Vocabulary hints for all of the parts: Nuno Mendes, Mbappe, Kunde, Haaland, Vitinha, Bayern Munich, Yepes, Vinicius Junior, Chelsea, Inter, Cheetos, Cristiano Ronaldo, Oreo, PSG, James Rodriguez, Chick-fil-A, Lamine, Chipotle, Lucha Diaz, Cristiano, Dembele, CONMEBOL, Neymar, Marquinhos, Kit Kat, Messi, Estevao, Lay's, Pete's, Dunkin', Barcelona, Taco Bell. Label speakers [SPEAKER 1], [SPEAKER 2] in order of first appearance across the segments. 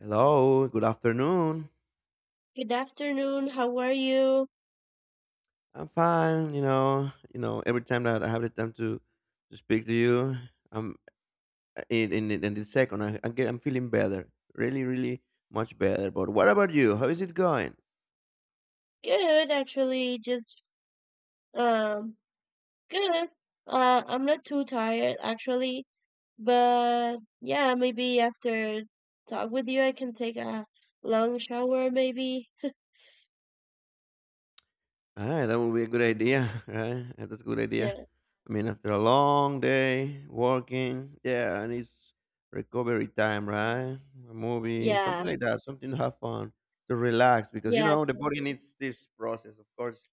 [SPEAKER 1] Hello, good afternoon.
[SPEAKER 2] Good afternoon. How are you?
[SPEAKER 1] I'm fine, every time that I have the time to speak to you, I'm in the second I get, I'm feeling better. Really, really much better. But what about you? How is it going?
[SPEAKER 2] Good, actually. Just um good. I'm not too tired actually, but yeah, maybe after talk with you I can take a long shower maybe.
[SPEAKER 1] Ah, that would be a good idea, right? Yeah, that's a good idea.
[SPEAKER 2] Yeah.
[SPEAKER 1] I mean, after a long day working, yeah, and it's recovery time, right? A movie, something
[SPEAKER 2] Yeah.
[SPEAKER 1] like that, something to have fun, to relax, because you
[SPEAKER 2] Yeah.
[SPEAKER 1] know the body needs this process. Of course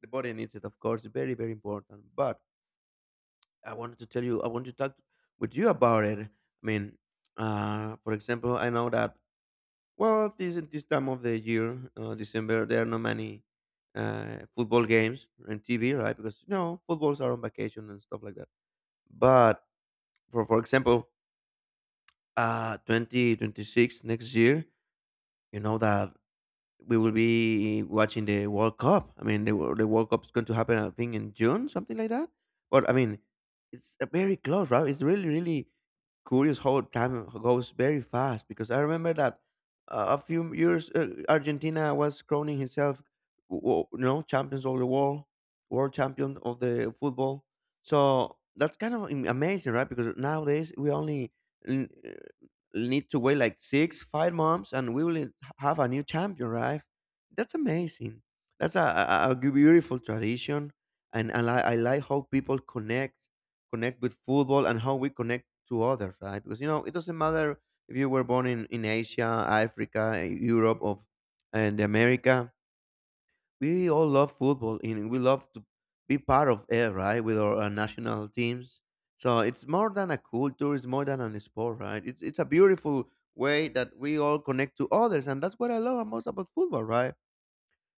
[SPEAKER 1] the body needs it, of course. Very, very important. But I wanted to tell you, I want to talk with you about it. I mean, for example, I know that, well, this time of the year, December, there are not many football games on TV, right? Because you know footballs are on vacation and stuff like that. But for example, 2026, next year, you know that we will be watching the World Cup. I mean, the World Cup's going to happen, I think, in June, something like that. But I mean, it's very close, right? It's really, really curious how time goes very fast, because I remember that, a few years, Argentina was crowning himself, you know, champions of the world, world champion of the football. So that's kind of amazing, right? Because nowadays we only need to wait like six, 5 months, and we will have a new champion, right? That's amazing. That's a beautiful tradition, and I like how people connect, connect with football, and how we connect to others, right? Because you know it doesn't matter if you were born in Asia, Africa, Europe, of and America, we all love football, and we love to be part of it, right? With our national teams. So it's more than a culture, it's more than a sport, right? It's a beautiful way that we all connect to others, and that's what I love most about football, right?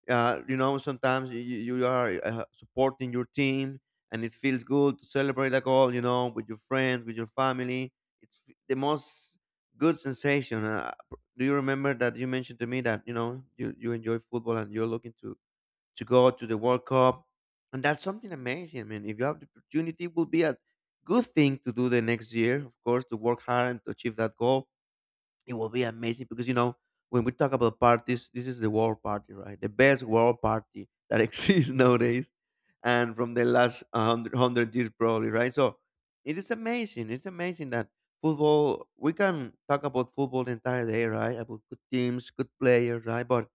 [SPEAKER 1] You know, sometimes you are supporting your team, and it feels good to celebrate a goal, you know, with your friends, with your family. The most good sensation. Do you remember that you mentioned to me that you know you enjoy football and you're looking to go to the World Cup, and that's something amazing. I mean, if you have the opportunity, it will be a good thing to do the next year. Of course, to work hard and to achieve that goal. It will be amazing because you know when we talk about parties, this is the world party, right? The best world party that exists nowadays, and from the last hundred hundred years probably, right? So it is amazing. It's amazing that football. We can talk about football the entire day, right? About good teams, good players, right? But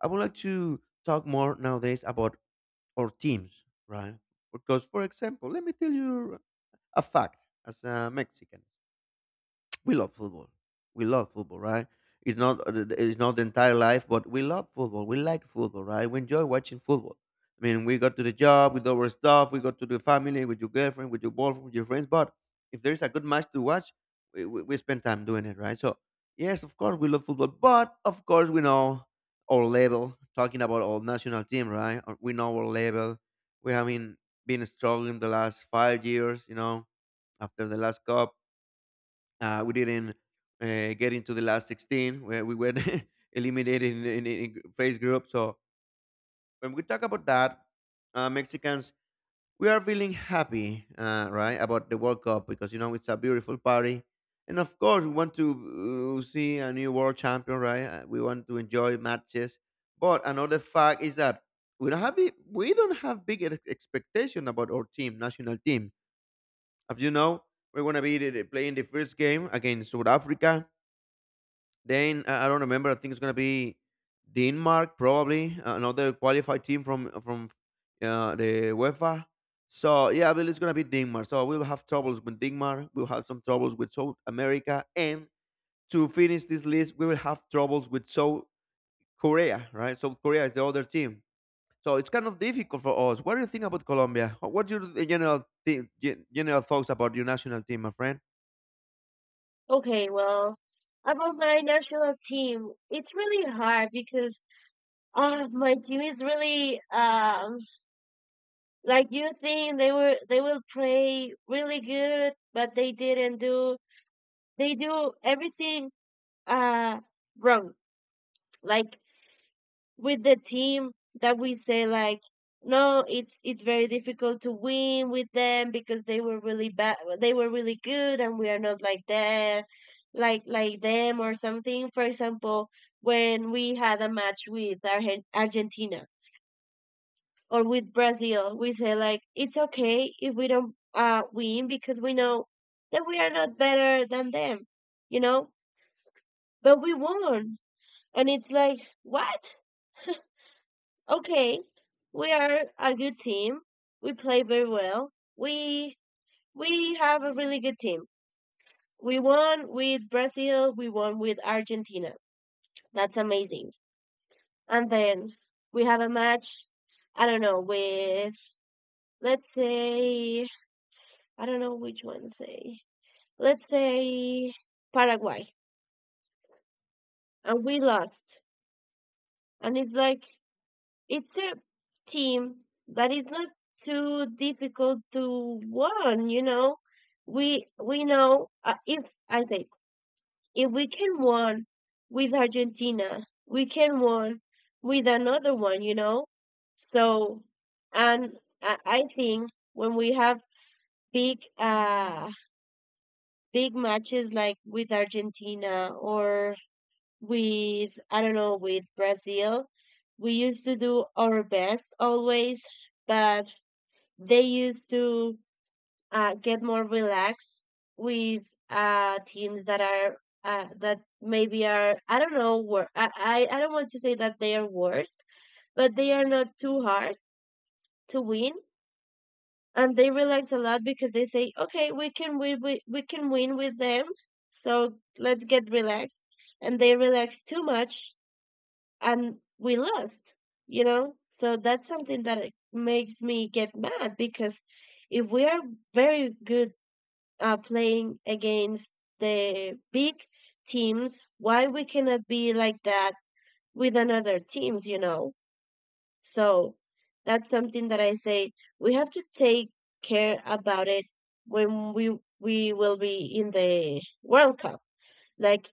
[SPEAKER 1] I would like to talk more nowadays about our teams, right? Because, for example, let me tell you a fact. As a Mexican, we love football. We love football, right? It's not the entire life, but we love football. We like football, right? We enjoy watching football. I mean, we go to the job with our stuff. We go to the family with your girlfriend, with your boyfriend, with your friends. But if there is a good match to watch, we spend time doing it, right? So yes, of course we love football, but of course we know our level. Talking about our national team, right? We know our level. We have been struggling the last 5 years, you know, after the last cup, we didn't get into the last 16, where we were eliminated in phase group. So when we talk about that, Mexicans, we are feeling happy, right, about the World Cup because, you know, it's a beautiful party. And of course, we want to see a new world champion, right? We want to enjoy matches. But another fact is that we don't have big expectation about our team, national team. As you know, we're going to be playing the first game against South Africa. Then I don't remember. I think it's gonna be Denmark, probably, another qualified team from the UEFA. So yeah, I believe it's gonna be Denmark. So we'll have troubles with Denmark. We'll have some troubles with South America, and to finish this list, we will have troubles with South Korea. Right? South Korea is the other team. So it's kind of difficult for us. What do you think about Colombia? What's your general th- general thoughts about your national team, my friend?
[SPEAKER 2] Okay, well, about my national team, it's really hard because my team is really like you think they will play really good, but they didn't do they do everything uh wrong. Like with the team that we say like no, it's very difficult to win with them because they were really bad, they were really good, and we are not like there like them or something. For example, when we had a match with Argentina or with Brazil, we say like it's okay if we don't win because we know that we are not better than them, you know? But we won. And it's like, what? Okay, we are a good team. We play very well. We we have a really good team. We won with Brazil, we won with Argentina. That's amazing. And then we have a match, I don't know, with let's say, I don't know which one say. Let's say Paraguay. And we lost. And it's like, it's a team that is not too difficult to win, you know. We know, if I say, if we can win with Argentina, we can win with another one, you know. So, and I think when we have big uh big matches like with Argentina or with, I don't know, with Brazil. We used to do our best always, but they used to get more relaxed with teams that are that maybe are, I don't know, I don't want to say that they are worst, but they are not too hard to win, and they relax a lot because they say, okay, we can win with them, so let's get relaxed, and they relax too much and we lost, you know? So that's something that it makes me get mad because if we are very good playing against the big teams, why we cannot be like that with another teams, you know? So that's something that I say, we have to take care about it when we will be in the World Cup. Like,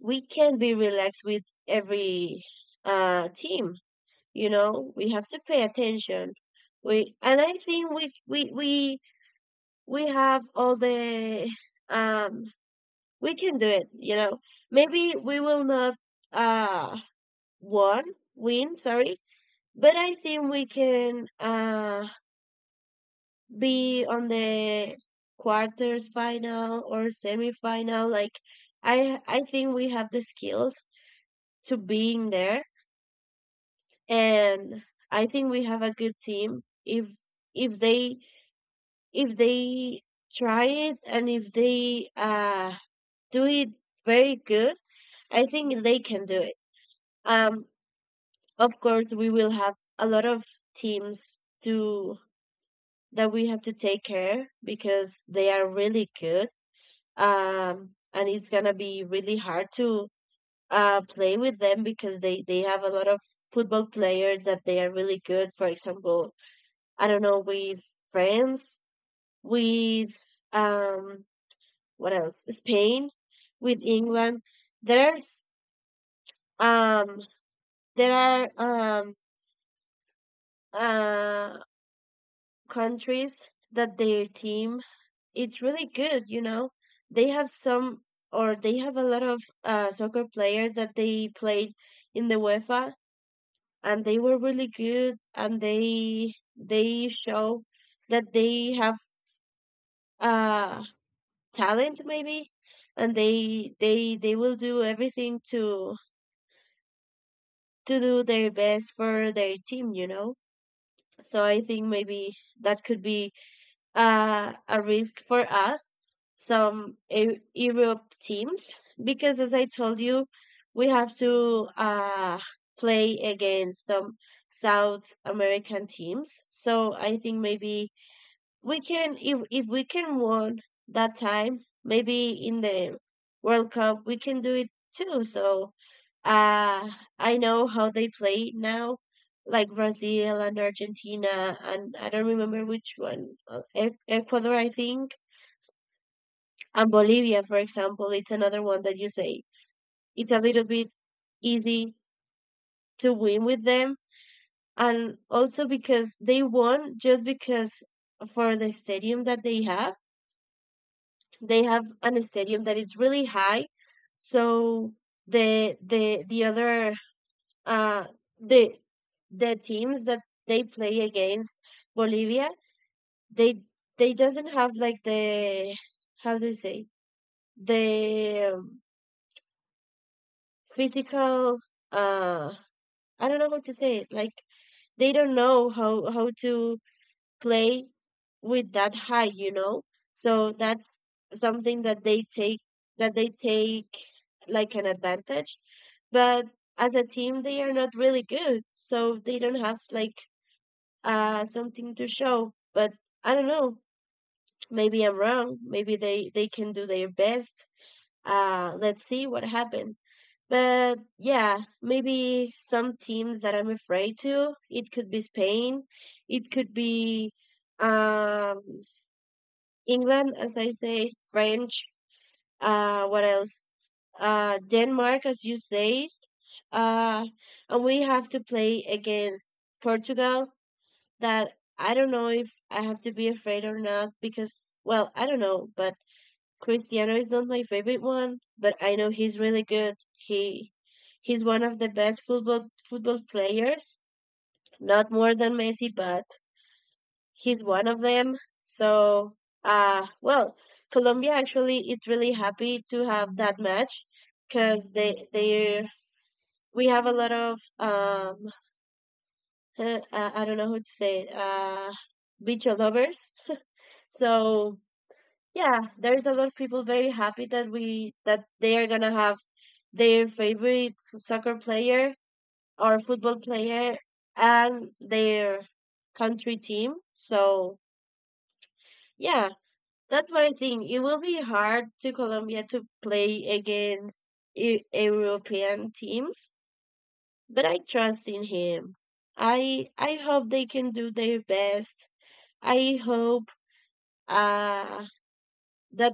[SPEAKER 2] we can be relaxed with every team, you know, we have to pay attention. We and I think we have all the um we can do it, you know. Maybe we will not uh won, win, sorry, but I think we can be on the quarters final or semifinal. Like, I think we have the skills to being there, and I think we have a good team if if they they try it, and if they do it very good, I think they can do it. Um, of course, we will have a lot of teams to that we have to take care because they are really good. And it's gonna be really hard to play with them because they have a lot of football players that they are really good. For example, I don't know, with France, with um what else? Spain, with England. There's um there are uh countries that their team it's really good, you know. They have some they have a lot of soccer players that they played in the UEFA, and they were really good, and they show that they have uh talent maybe, and they will do everything to do their best for their team, you know? So I think maybe that could be a risk for us, some Europe teams, because, as I told you, we have to play against some South American teams. So I think maybe we can. If we can won that time, maybe in the World Cup we can do it too. So, uh I know how they play now, like Brazil and Argentina and, I don't remember which one. Ecuador, I think, and Bolivia, for example, it's another one that you say. It's a little bit easy to win with them, and also because they won just because for the stadium that they have, they have an stadium that is really high. So the the the other uh the the teams that they play against Bolivia, they they doesn't have like the, how do you say, the physical, uh I don't know how to say it, like they don't know how to play with that high, you know? So that's something that they take, that they take like an advantage. But as a team they are not really good. So they don't have like something to show. But I don't know. Maybe I'm wrong. Maybe they can do their best. Let's see what happens. But yeah, maybe some teams that I'm afraid to, it could be Spain, it could be um England, as I say, French, what else? Denmark, as you say, uh, and we have to play against Portugal. That I don't know if I have to be afraid or not because, well, I don't know. But Cristiano is not my favorite one, but I know he's really good. He's one of the best football players, not more than Messi, but he's one of them. So, well, Colombia actually is really happy to have that match because they we have a lot of I don't know who to say it, beach lovers. So yeah, there's a lot of people very happy that they are gonna have their favorite soccer player or football player and their country team. So yeah, that's what I think. It will be hard to Colombia to play against European teams, but I trust in him. I hope they can do their best. I hope uh that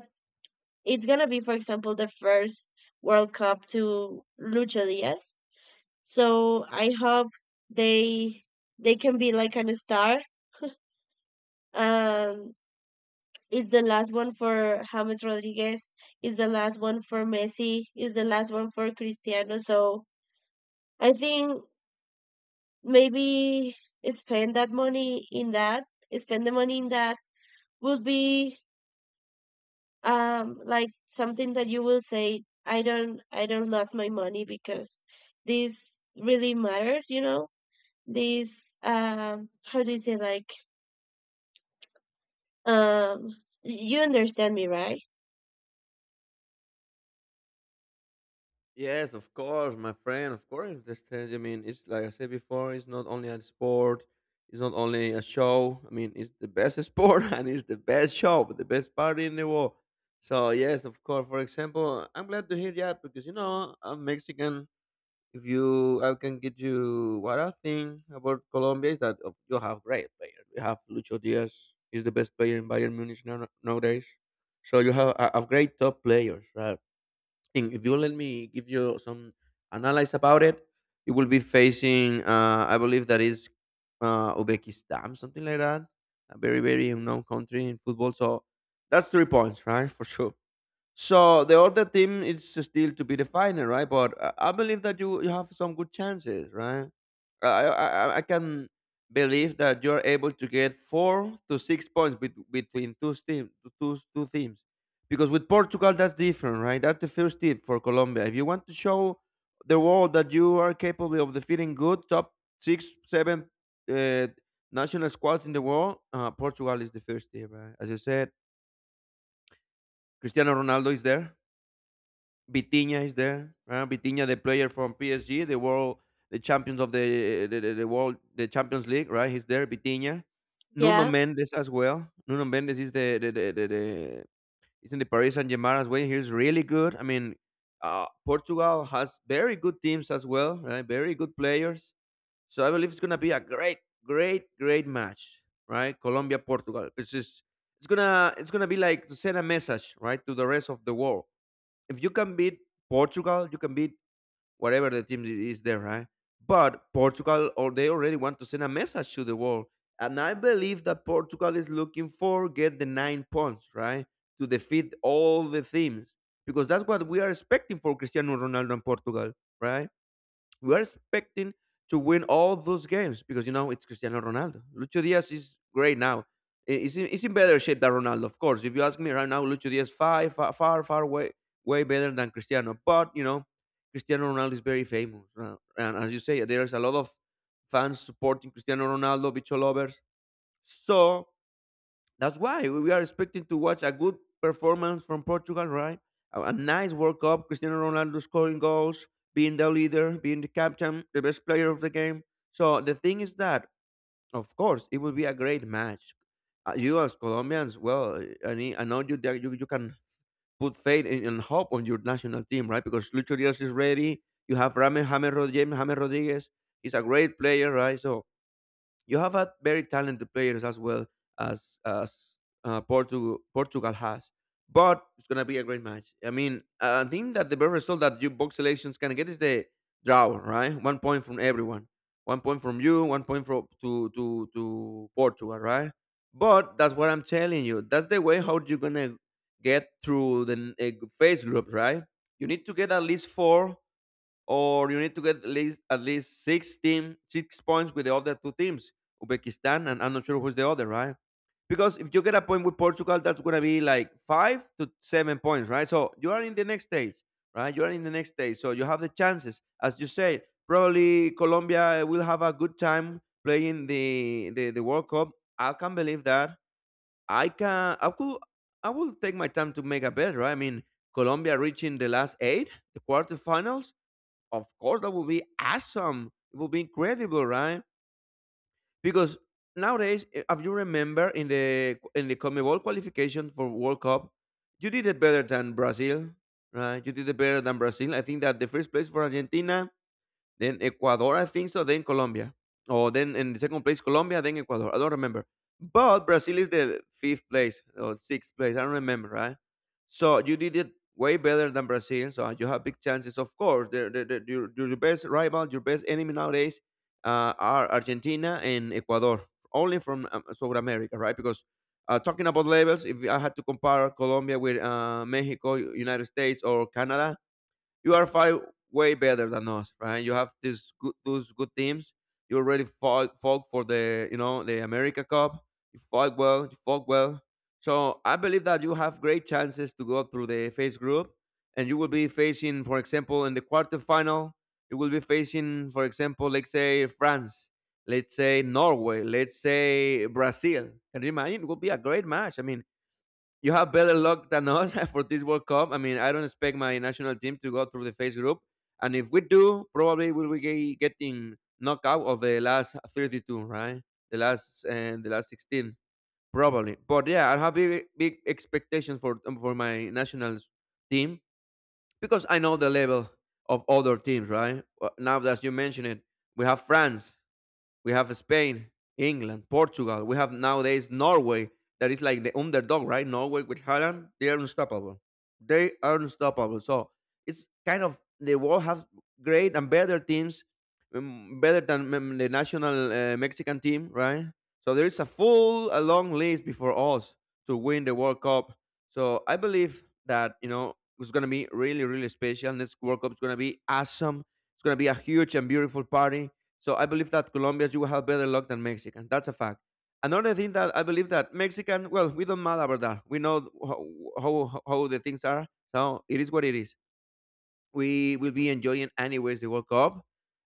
[SPEAKER 2] it's gonna be, for example, the first World Cup to Lucha Diaz. So I hope they they can be like an star. Um It's the last one for James Rodriguez. It's the last one for Messi. It's the last one for Cristiano. So I think maybe spend that money in that. Spend the money in that would be like something that you will say, I don't, lose my money because this really matters, you know? This How do you say, like, um you understand me, right?
[SPEAKER 1] Yes, of course, my friend. Of course, I understand. I mean, it's like I said before. It's not only a sport. It's not only a show. I mean, it's the best sport and it's the best show, the best party in the world. So yes, of course. For example, I'm glad to hear that because you know I'm Mexican. If you, I can get you what I think about Colombia is that, you have great players. You have Lucho Diaz. He's the best player in Bayern Munich now, nowadays. So you have a great top players, right? And if you let me give you some analysis about it, it will be facing, I believe that is, Uzbekistan, something like that. A very, very unknown country in football. So that's 3 points, right? For sure. So the other team is still to be defined, right? But I believe that you have some good chances, right? I, I I can believe that you're able to get 4 to 6 points bet between 2 teams, two teams, because with Portugal that's different, right? That's the first tip for Colombia. If you want to show the world that you are capable of defeating good top six, seven uh, national squads in the world, Portugal is the first team, right? As you said, Cristiano Ronaldo is there. Vitinha is there. Vitinha, the player from PSG, the world, the champions of the world, the Champions League, right? He's there. Vitinha, Nuno
[SPEAKER 2] Yeah.
[SPEAKER 1] Mendes as well. Nuno Mendes is the he's in the Paris Saint Germain as well. He's really good. I mean, Portugal has very good teams as well, right? Very good players. So I believe it's gonna be a great, great, great match, right? Colombia Portugal. It's just it's gonna be like to send a message, right, to the rest of the world. If you can beat Portugal, you can beat whatever the team is there, right? But Portugal, or they already want to send a message to the world, and I believe that Portugal is looking for get the 9 points, right, to defeat all the teams, because that's what we are expecting for Cristiano Ronaldo and Portugal, right? We are expecting to win all those games because you know it's Cristiano Ronaldo. Lucho Diaz is great now. He's in better shape than Ronaldo, of course. If you ask me right now, Lucho Diaz far far way way better than Cristiano. But you know, Cristiano Ronaldo is very famous, and as you say, there's a lot of fans supporting Cristiano Ronaldo, bicho lovers. So that's why we are expecting to watch a good performance from Portugal, right? A nice World Cup, Cristiano Ronaldo scoring goals, being the leader, being the captain, the best player of the game. So the thing is that, of course, it will be a great match. You as Colombians, well, I know you that you can put faith and hope on your national team, right? Because Lucho Diaz is ready. You have James Rodriguez. James Rodriguez. He's a great player, right? So you have had very talented players as well as Portugal Portugal has, but it's gonna be a great match. I mean, I think that the best result that you both selections can get is the draw, right? 1 point from everyone, 1 point from you, 1 point from to Portugal, right? But that's what I'm telling you. That's the way how you're gonna get through the phase group, right? You need to get at least four, or you need to get at least six team 6 points with the other 2 teams, Uzbekistan and I'm not sure who's the other, right? Because if you get a point with Portugal, that's gonna be like 5 to 7 points, right? So you are in the next stage, right? You are in the next stage, so you have the chances, as you say. Probably Colombia will have a good time playing the World Cup. I can't believe that. I can. I could. I will take my time to make a bet, right? I mean, Colombia reaching the last eight, the quarterfinals of course, that would be awesome. It would be incredible, right? Because nowadays, if you remember in the CONMEBOL qualification for World Cup, you did it better than Brazil, right? You did it better than Brazil. I think that the first place for Argentina, then Ecuador, I think so. Then Colombia. Or then in the second place, Colombia, then Ecuador. I don't remember. But Brazil is the fifth place or sixth place. I don't remember, right? So you did it way better than Brazil. So you have big chances. Of course, your best rival, your best enemy nowadays are Argentina and Ecuador, only from South America, right? Because talking about levels, if I had to compare Colombia with Mexico, United States, or Canada, you are far way better than us, right? You have these good those good teams. You already fought for the you know the America Cup. You fought well. You fought well. So I believe that you have great chances to go through the phase group, and you will be facing, for example, in the quarterfinal, you will be facing, for example, let's say France, let's say Norway, let's say Brazil. Can you imagine? It will be a great match. I mean, you have better luck than us for this World Cup. I mean, I don't expect my national team to go through the phase group, and if we do, probably we will be getting knockout of the last 32, right? The last and the last 16, probably. But yeah, I have big expectations for my national team because I know the level of other teams, right? Now that you mention it, we have France, we have Spain, England, Portugal. We have nowadays Norway that is like the underdog, right? Norway with Holland, they are unstoppable. They are unstoppable. So it's kind of the world have great and better teams, better than the national Mexican team, right? So there is a full, a long list before us to win the World Cup. So I believe that you know it's gonna be really, really special. This World Cup is gonna be awesome. It's gonna be a huge and beautiful party. So I believe that Colombians you will have better luck than Mexicans. That's a fact. Another thing that I believe that Mexican, well, we don't matter about that. We know how the things are. So it is what it is. We will be enjoying anyways the World Cup.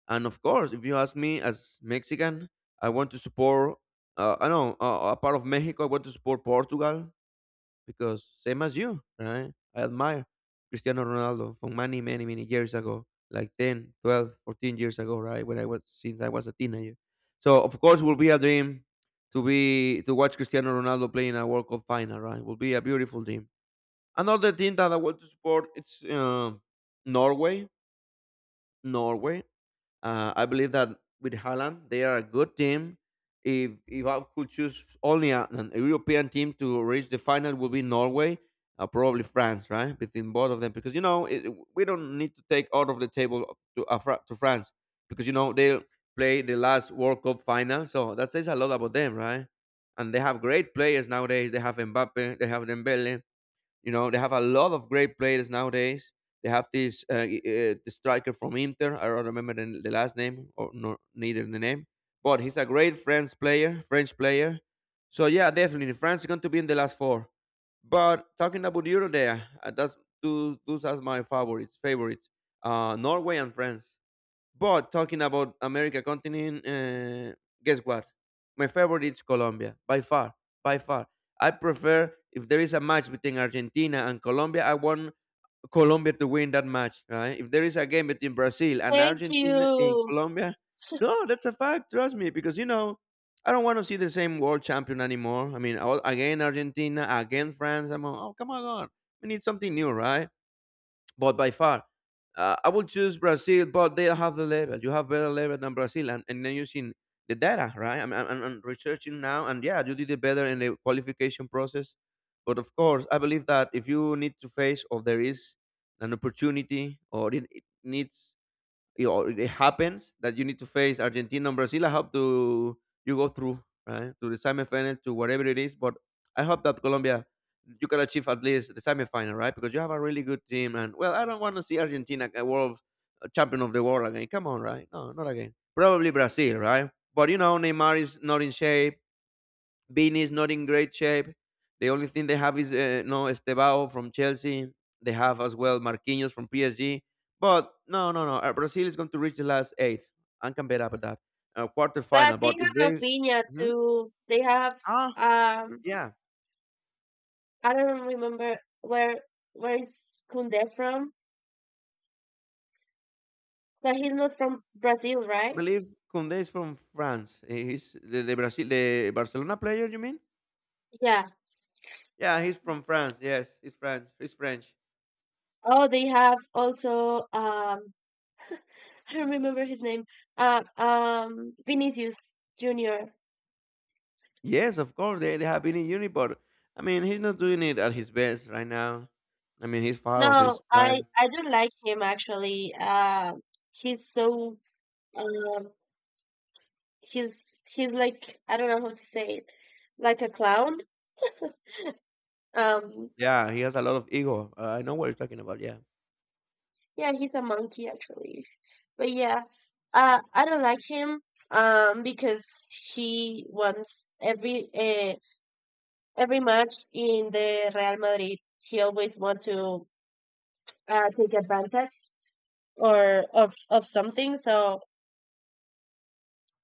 [SPEAKER 1] And of course, if you ask me as Mexican, I want to support, I know, a part of Mexico, I want to support Portugal because same as you, right? I admire Cristiano Ronaldo from many, many, many years ago, like 10, 12, 14 years ago, right? When I was Since I was a teenager. So of course will be a dream to watch Cristiano Ronaldo play in a World Cup final, right? Will be a beautiful dream. Another team that I want to support it's Norway. Norway. I believe that with Haaland, they are a good team. If I could choose only an European team to reach the final, would be Norway, probably France, right? Between both of them, because you know it, we don't need to take out of the table to to France, because you know they play the last World Cup final, so that says a lot about them, right? And they have great players nowadays. They have Mbappe, they have Dembele, you know, they have a lot of great players nowadays. They have this the striker from Inter. I don't remember the last name or no, neither the name, but he's a great French player. French player. So yeah, definitely France is going to be in the last four. But talking about Euro, there, that's two, those are my favorites. Favorites, Norway and France. But talking about America continent, guess what? My favorite is Colombia by far, by far. I prefer if there is a match between Argentina and Colombia, I want Colombia to win that match, right? If there is a game between Brazil and
[SPEAKER 2] Thank
[SPEAKER 1] Argentina in
[SPEAKER 2] you.
[SPEAKER 1] Colombia, no, that's a fact. Trust me, because you know I don't want to see the same world champion anymore. I mean, all, again Argentina, again France. I'm all, oh come on, we need something new, right? But by far, I will choose Brazil, but they have the level. You have better level than Brazil, and then using the data, right? I'm researching now, and yeah, you did it better in the qualification process. But of course, I believe that if you need to face or there is an opportunity or it needs it, or it happens that you need to face Argentina and Brazil. I hope to you go through right to the semifinal to whatever it is. But I hope that Colombia you can achieve at least the semifinal, right? Because you have a really good team. And well, I don't want to see Argentina a champion of the world again. Come on, right? No, not again. Probably Brazil, right? But you know, Neymar is not in shape. Beanie is not in great shape. The only thing they have is no Estevao from Chelsea. They have as well Marquinhos from PSG. But no, no, no. Brazil is going to reach the last eight. I can bet up at that. Quarter final.
[SPEAKER 2] But they
[SPEAKER 1] But if
[SPEAKER 2] have
[SPEAKER 1] they.
[SPEAKER 2] Rafinha
[SPEAKER 1] Mhm.
[SPEAKER 2] too. They have
[SPEAKER 1] Ah,
[SPEAKER 2] um
[SPEAKER 1] yeah.
[SPEAKER 2] I don't remember where is Kunde from, but he's not from Brazil,
[SPEAKER 1] I
[SPEAKER 2] right?
[SPEAKER 1] believe Koundé is from France. He's the Brazil, the Barcelona player, you mean?
[SPEAKER 2] Yeah.
[SPEAKER 1] Yeah, he's from France. Yes, he's French. He's French.
[SPEAKER 2] Oh, they have also, I don't remember his name. Vinicius Junior.
[SPEAKER 1] Yes, of course. They have been in uni, but I mean, he's not doing it at his best right now. I mean, he's far off
[SPEAKER 2] No,
[SPEAKER 1] his prime.
[SPEAKER 2] I don't like him actually. He's so, um he's like, I don't know how to say it, like a clown. Um
[SPEAKER 1] Yeah, he has a lot of ego. I know what you're talking about. Yeah.
[SPEAKER 2] Yeah, he's a monkey actually. But yeah, I don't like him because he wants every match in the Real Madrid. He always wants to take advantage or of something. So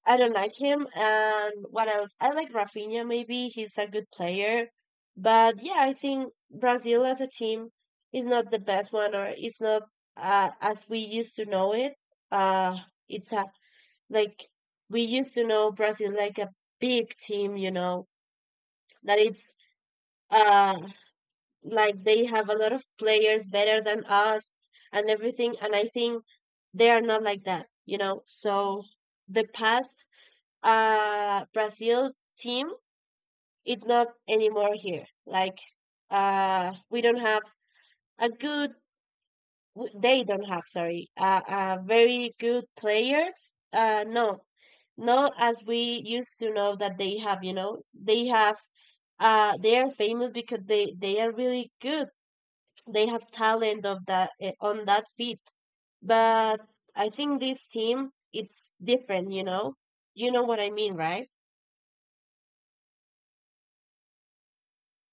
[SPEAKER 2] I don't like him. And what else? I like Rafinha. Maybe he's a good player, but yeah, I think Brazil as a team is not the best one, or it's not, as we used to know it. Uh, it's a Like we used to know Brazil like a big team, you know, that it's, uh like they have a lot of players better than us and everything. And I think they are not like that, you know. So the past Brazil team is not anymore here. Like, we don't have a good they don't have, sorry, very good players, no, not as we used to know that they have, you know, they are famous because they are really good, they have talent of that, on that feet, but I think this team it's different, you know. You know what I mean, right?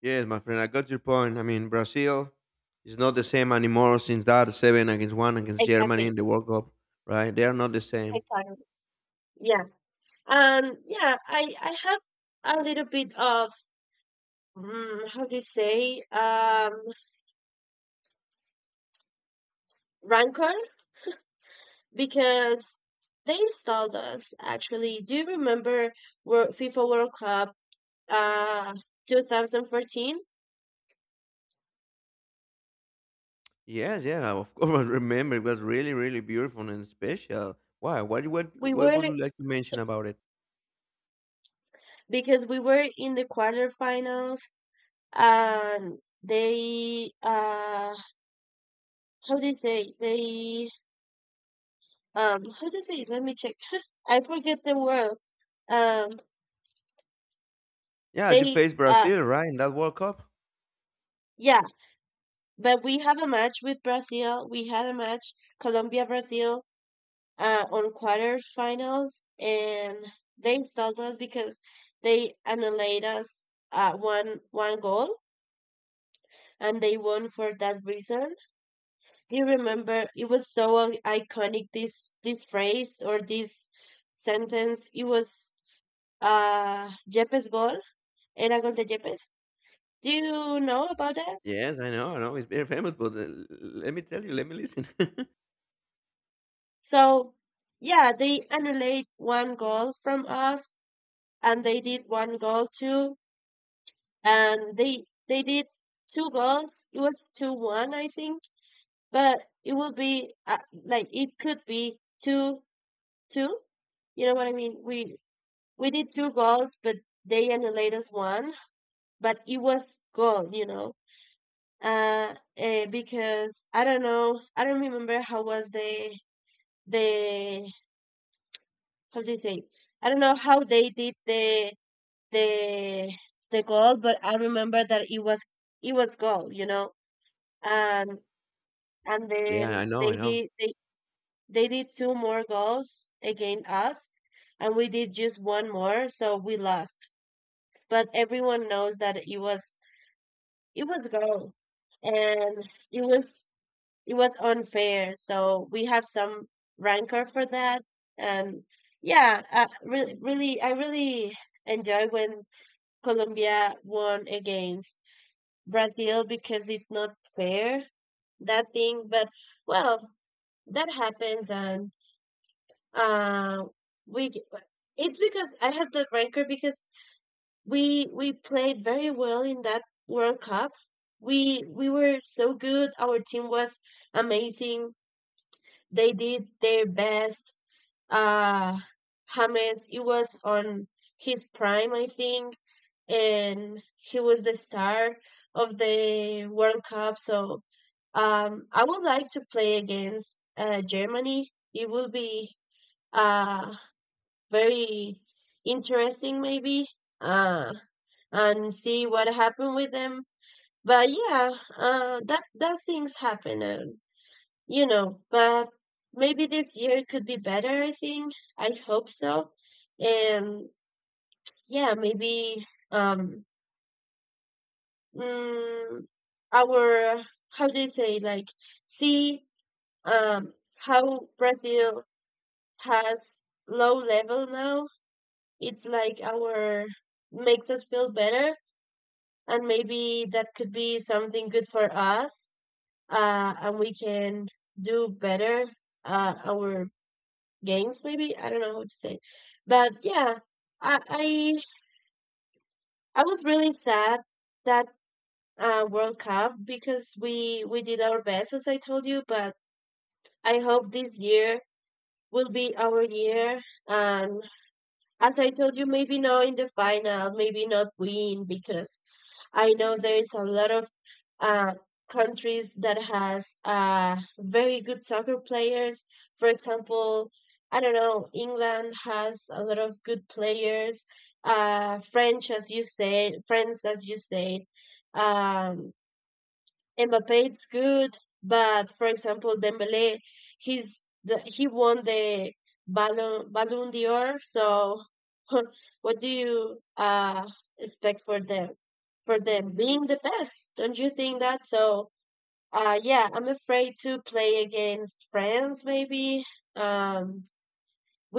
[SPEAKER 1] Yes, my friend, I got your point. I mean, Brazil is not the same anymore since that seven against one against Germany
[SPEAKER 2] Exactly.
[SPEAKER 1] in the World Cup, right? They are not the same.
[SPEAKER 2] Exactly. Yeah. Yeah, I have a little bit of, how do you say, rancor because they installed us actually. Do you remember World, FIFA World Cup uh 2014?
[SPEAKER 1] Yes, yeah, of course. I remember it was really, really beautiful and special. Why? What? What?
[SPEAKER 2] We
[SPEAKER 1] What
[SPEAKER 2] were
[SPEAKER 1] would you like to mention about it?
[SPEAKER 2] Because we were in the quarterfinals, and they how do you say, they how do you say, let me check, I forget the word. Um
[SPEAKER 1] Yeah, you
[SPEAKER 2] they
[SPEAKER 1] faced
[SPEAKER 2] uh
[SPEAKER 1] Brazil, right, in that World Cup.
[SPEAKER 2] yeah, but we had a match, Colombia Brazil, on quarterfinals, and they stalled us because they annihilated us, one goal, and they won for that reason. Do you remember? It was so iconic. This phrase or this sentence. It was Yepes goal. Era gol de Yepes. Do you know about that?
[SPEAKER 1] Yes, I know, I know. It's very famous, but let me tell you, let me listen.
[SPEAKER 2] So yeah, they annihilated one goal from us, and they did one goal too and they did two goals. It was 2-1, I think, but it would be like it could be two two. You know what I mean? We did two goals, but they annihilated us one. But it was goal. Because I don't know, I don't remember how was the, how do you say? I don't know how they did the the goal, but I remember that it was goal. and. And then
[SPEAKER 1] Yeah, I know,
[SPEAKER 2] they
[SPEAKER 1] I know.
[SPEAKER 2] did they they did two more goals against us and we did just one more, so we lost, but everyone knows that it was goal, and it was unfair, so we have some rancor for that. And yeah, I really enjoy when Colombia won against Brazil, because it's not fair that thing, but well, that happens. And Uh, we, it's because I had the rancor because we played very well in that World Cup. We were so good. Our team was amazing. They did their best. Uh, James, he was on his prime, I think, and he was the star of the World Cup. So I would like to play against Germany. It will be. Uh, Very interesting, maybe, uh and see what happened with them. But yeah, that things happen, and you know, but maybe this year could be better, I think. I hope so. And yeah, maybe mm, our, how do you say, like, see, um how Brazil has low level now. It's like our, makes us feel better, and maybe that could be something good for us. And we can do better our games, maybe. I don't know how to say. But yeah, i i, I was really sad that World Cup, because we did our best, as I told you. But I hope this year will be our year. And as I told you, maybe not in the final, maybe not win, because I know there is a lot of uh, countries that has very good soccer players. For example, I don't know, England has a lot of good players. French, as you said. France, as you said. Um, Mbappe is good, but for example, Dembele, he won the Ballon d'Or. So, what do you expect for them? For them being the best, don't you think that? So, yeah, I'm afraid to play against France, maybe, um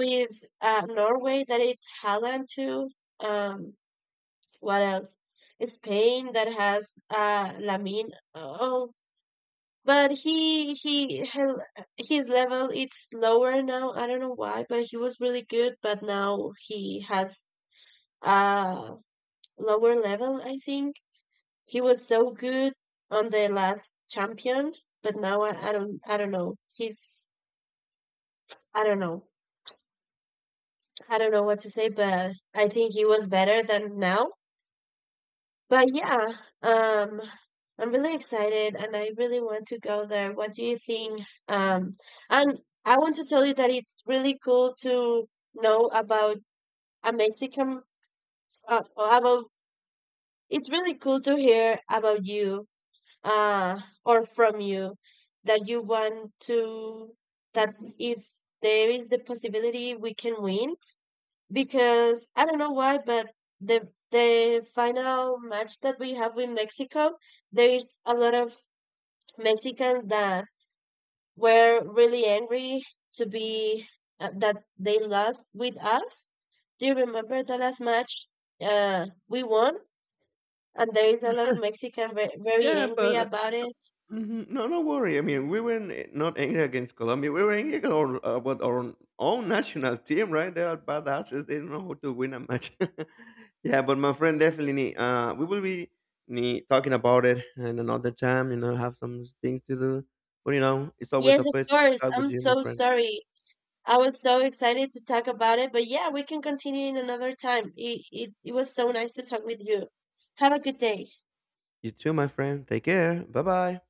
[SPEAKER 2] with Norway, that it's Haaland too. Um, what else? Spain, that has Lamine. Oh, but his level it's lower now. I don't know why, but he was really good, but now he has a lower level. I think he was so good on the last champion, but now I don't know. He's I don't know. I don't know what to say, but I think he was better than now. But yeah, um, I'm really excited and I really want to go there. What do you think? Um, and I want to tell you that it's really cool to know about a Mexican, uh, about, it's really cool to hear about you, uh, or from you, that you want to, that if there is the possibility we can win, because I don't know why, but the final match that we have with Mexico, there is a lot of Mexicans that were really angry to be that they lost with us. Do you remember the last match we won? And there is a lot of Mexican very
[SPEAKER 1] Yeah,
[SPEAKER 2] angry
[SPEAKER 1] but
[SPEAKER 2] about it.
[SPEAKER 1] mhm. No, no worry. I mean, we were not angry against Colombia. We were about our own national team, right? They are badasses. They don't know how to win a match. Yeah, but my friend, definitely, we will be talking about it in another time. You know, have some things to do. But you know, it's always a
[SPEAKER 2] Yes, of
[SPEAKER 1] pleasure to
[SPEAKER 2] course.
[SPEAKER 1] talk with
[SPEAKER 2] I'm
[SPEAKER 1] you, my
[SPEAKER 2] so
[SPEAKER 1] friend.
[SPEAKER 2] sorry. I was so excited to talk about it, but yeah, we can continue in another time. It was so nice to talk with you. Have a good day.
[SPEAKER 1] You too, my friend. Take care. Bye bye.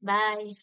[SPEAKER 2] Bye.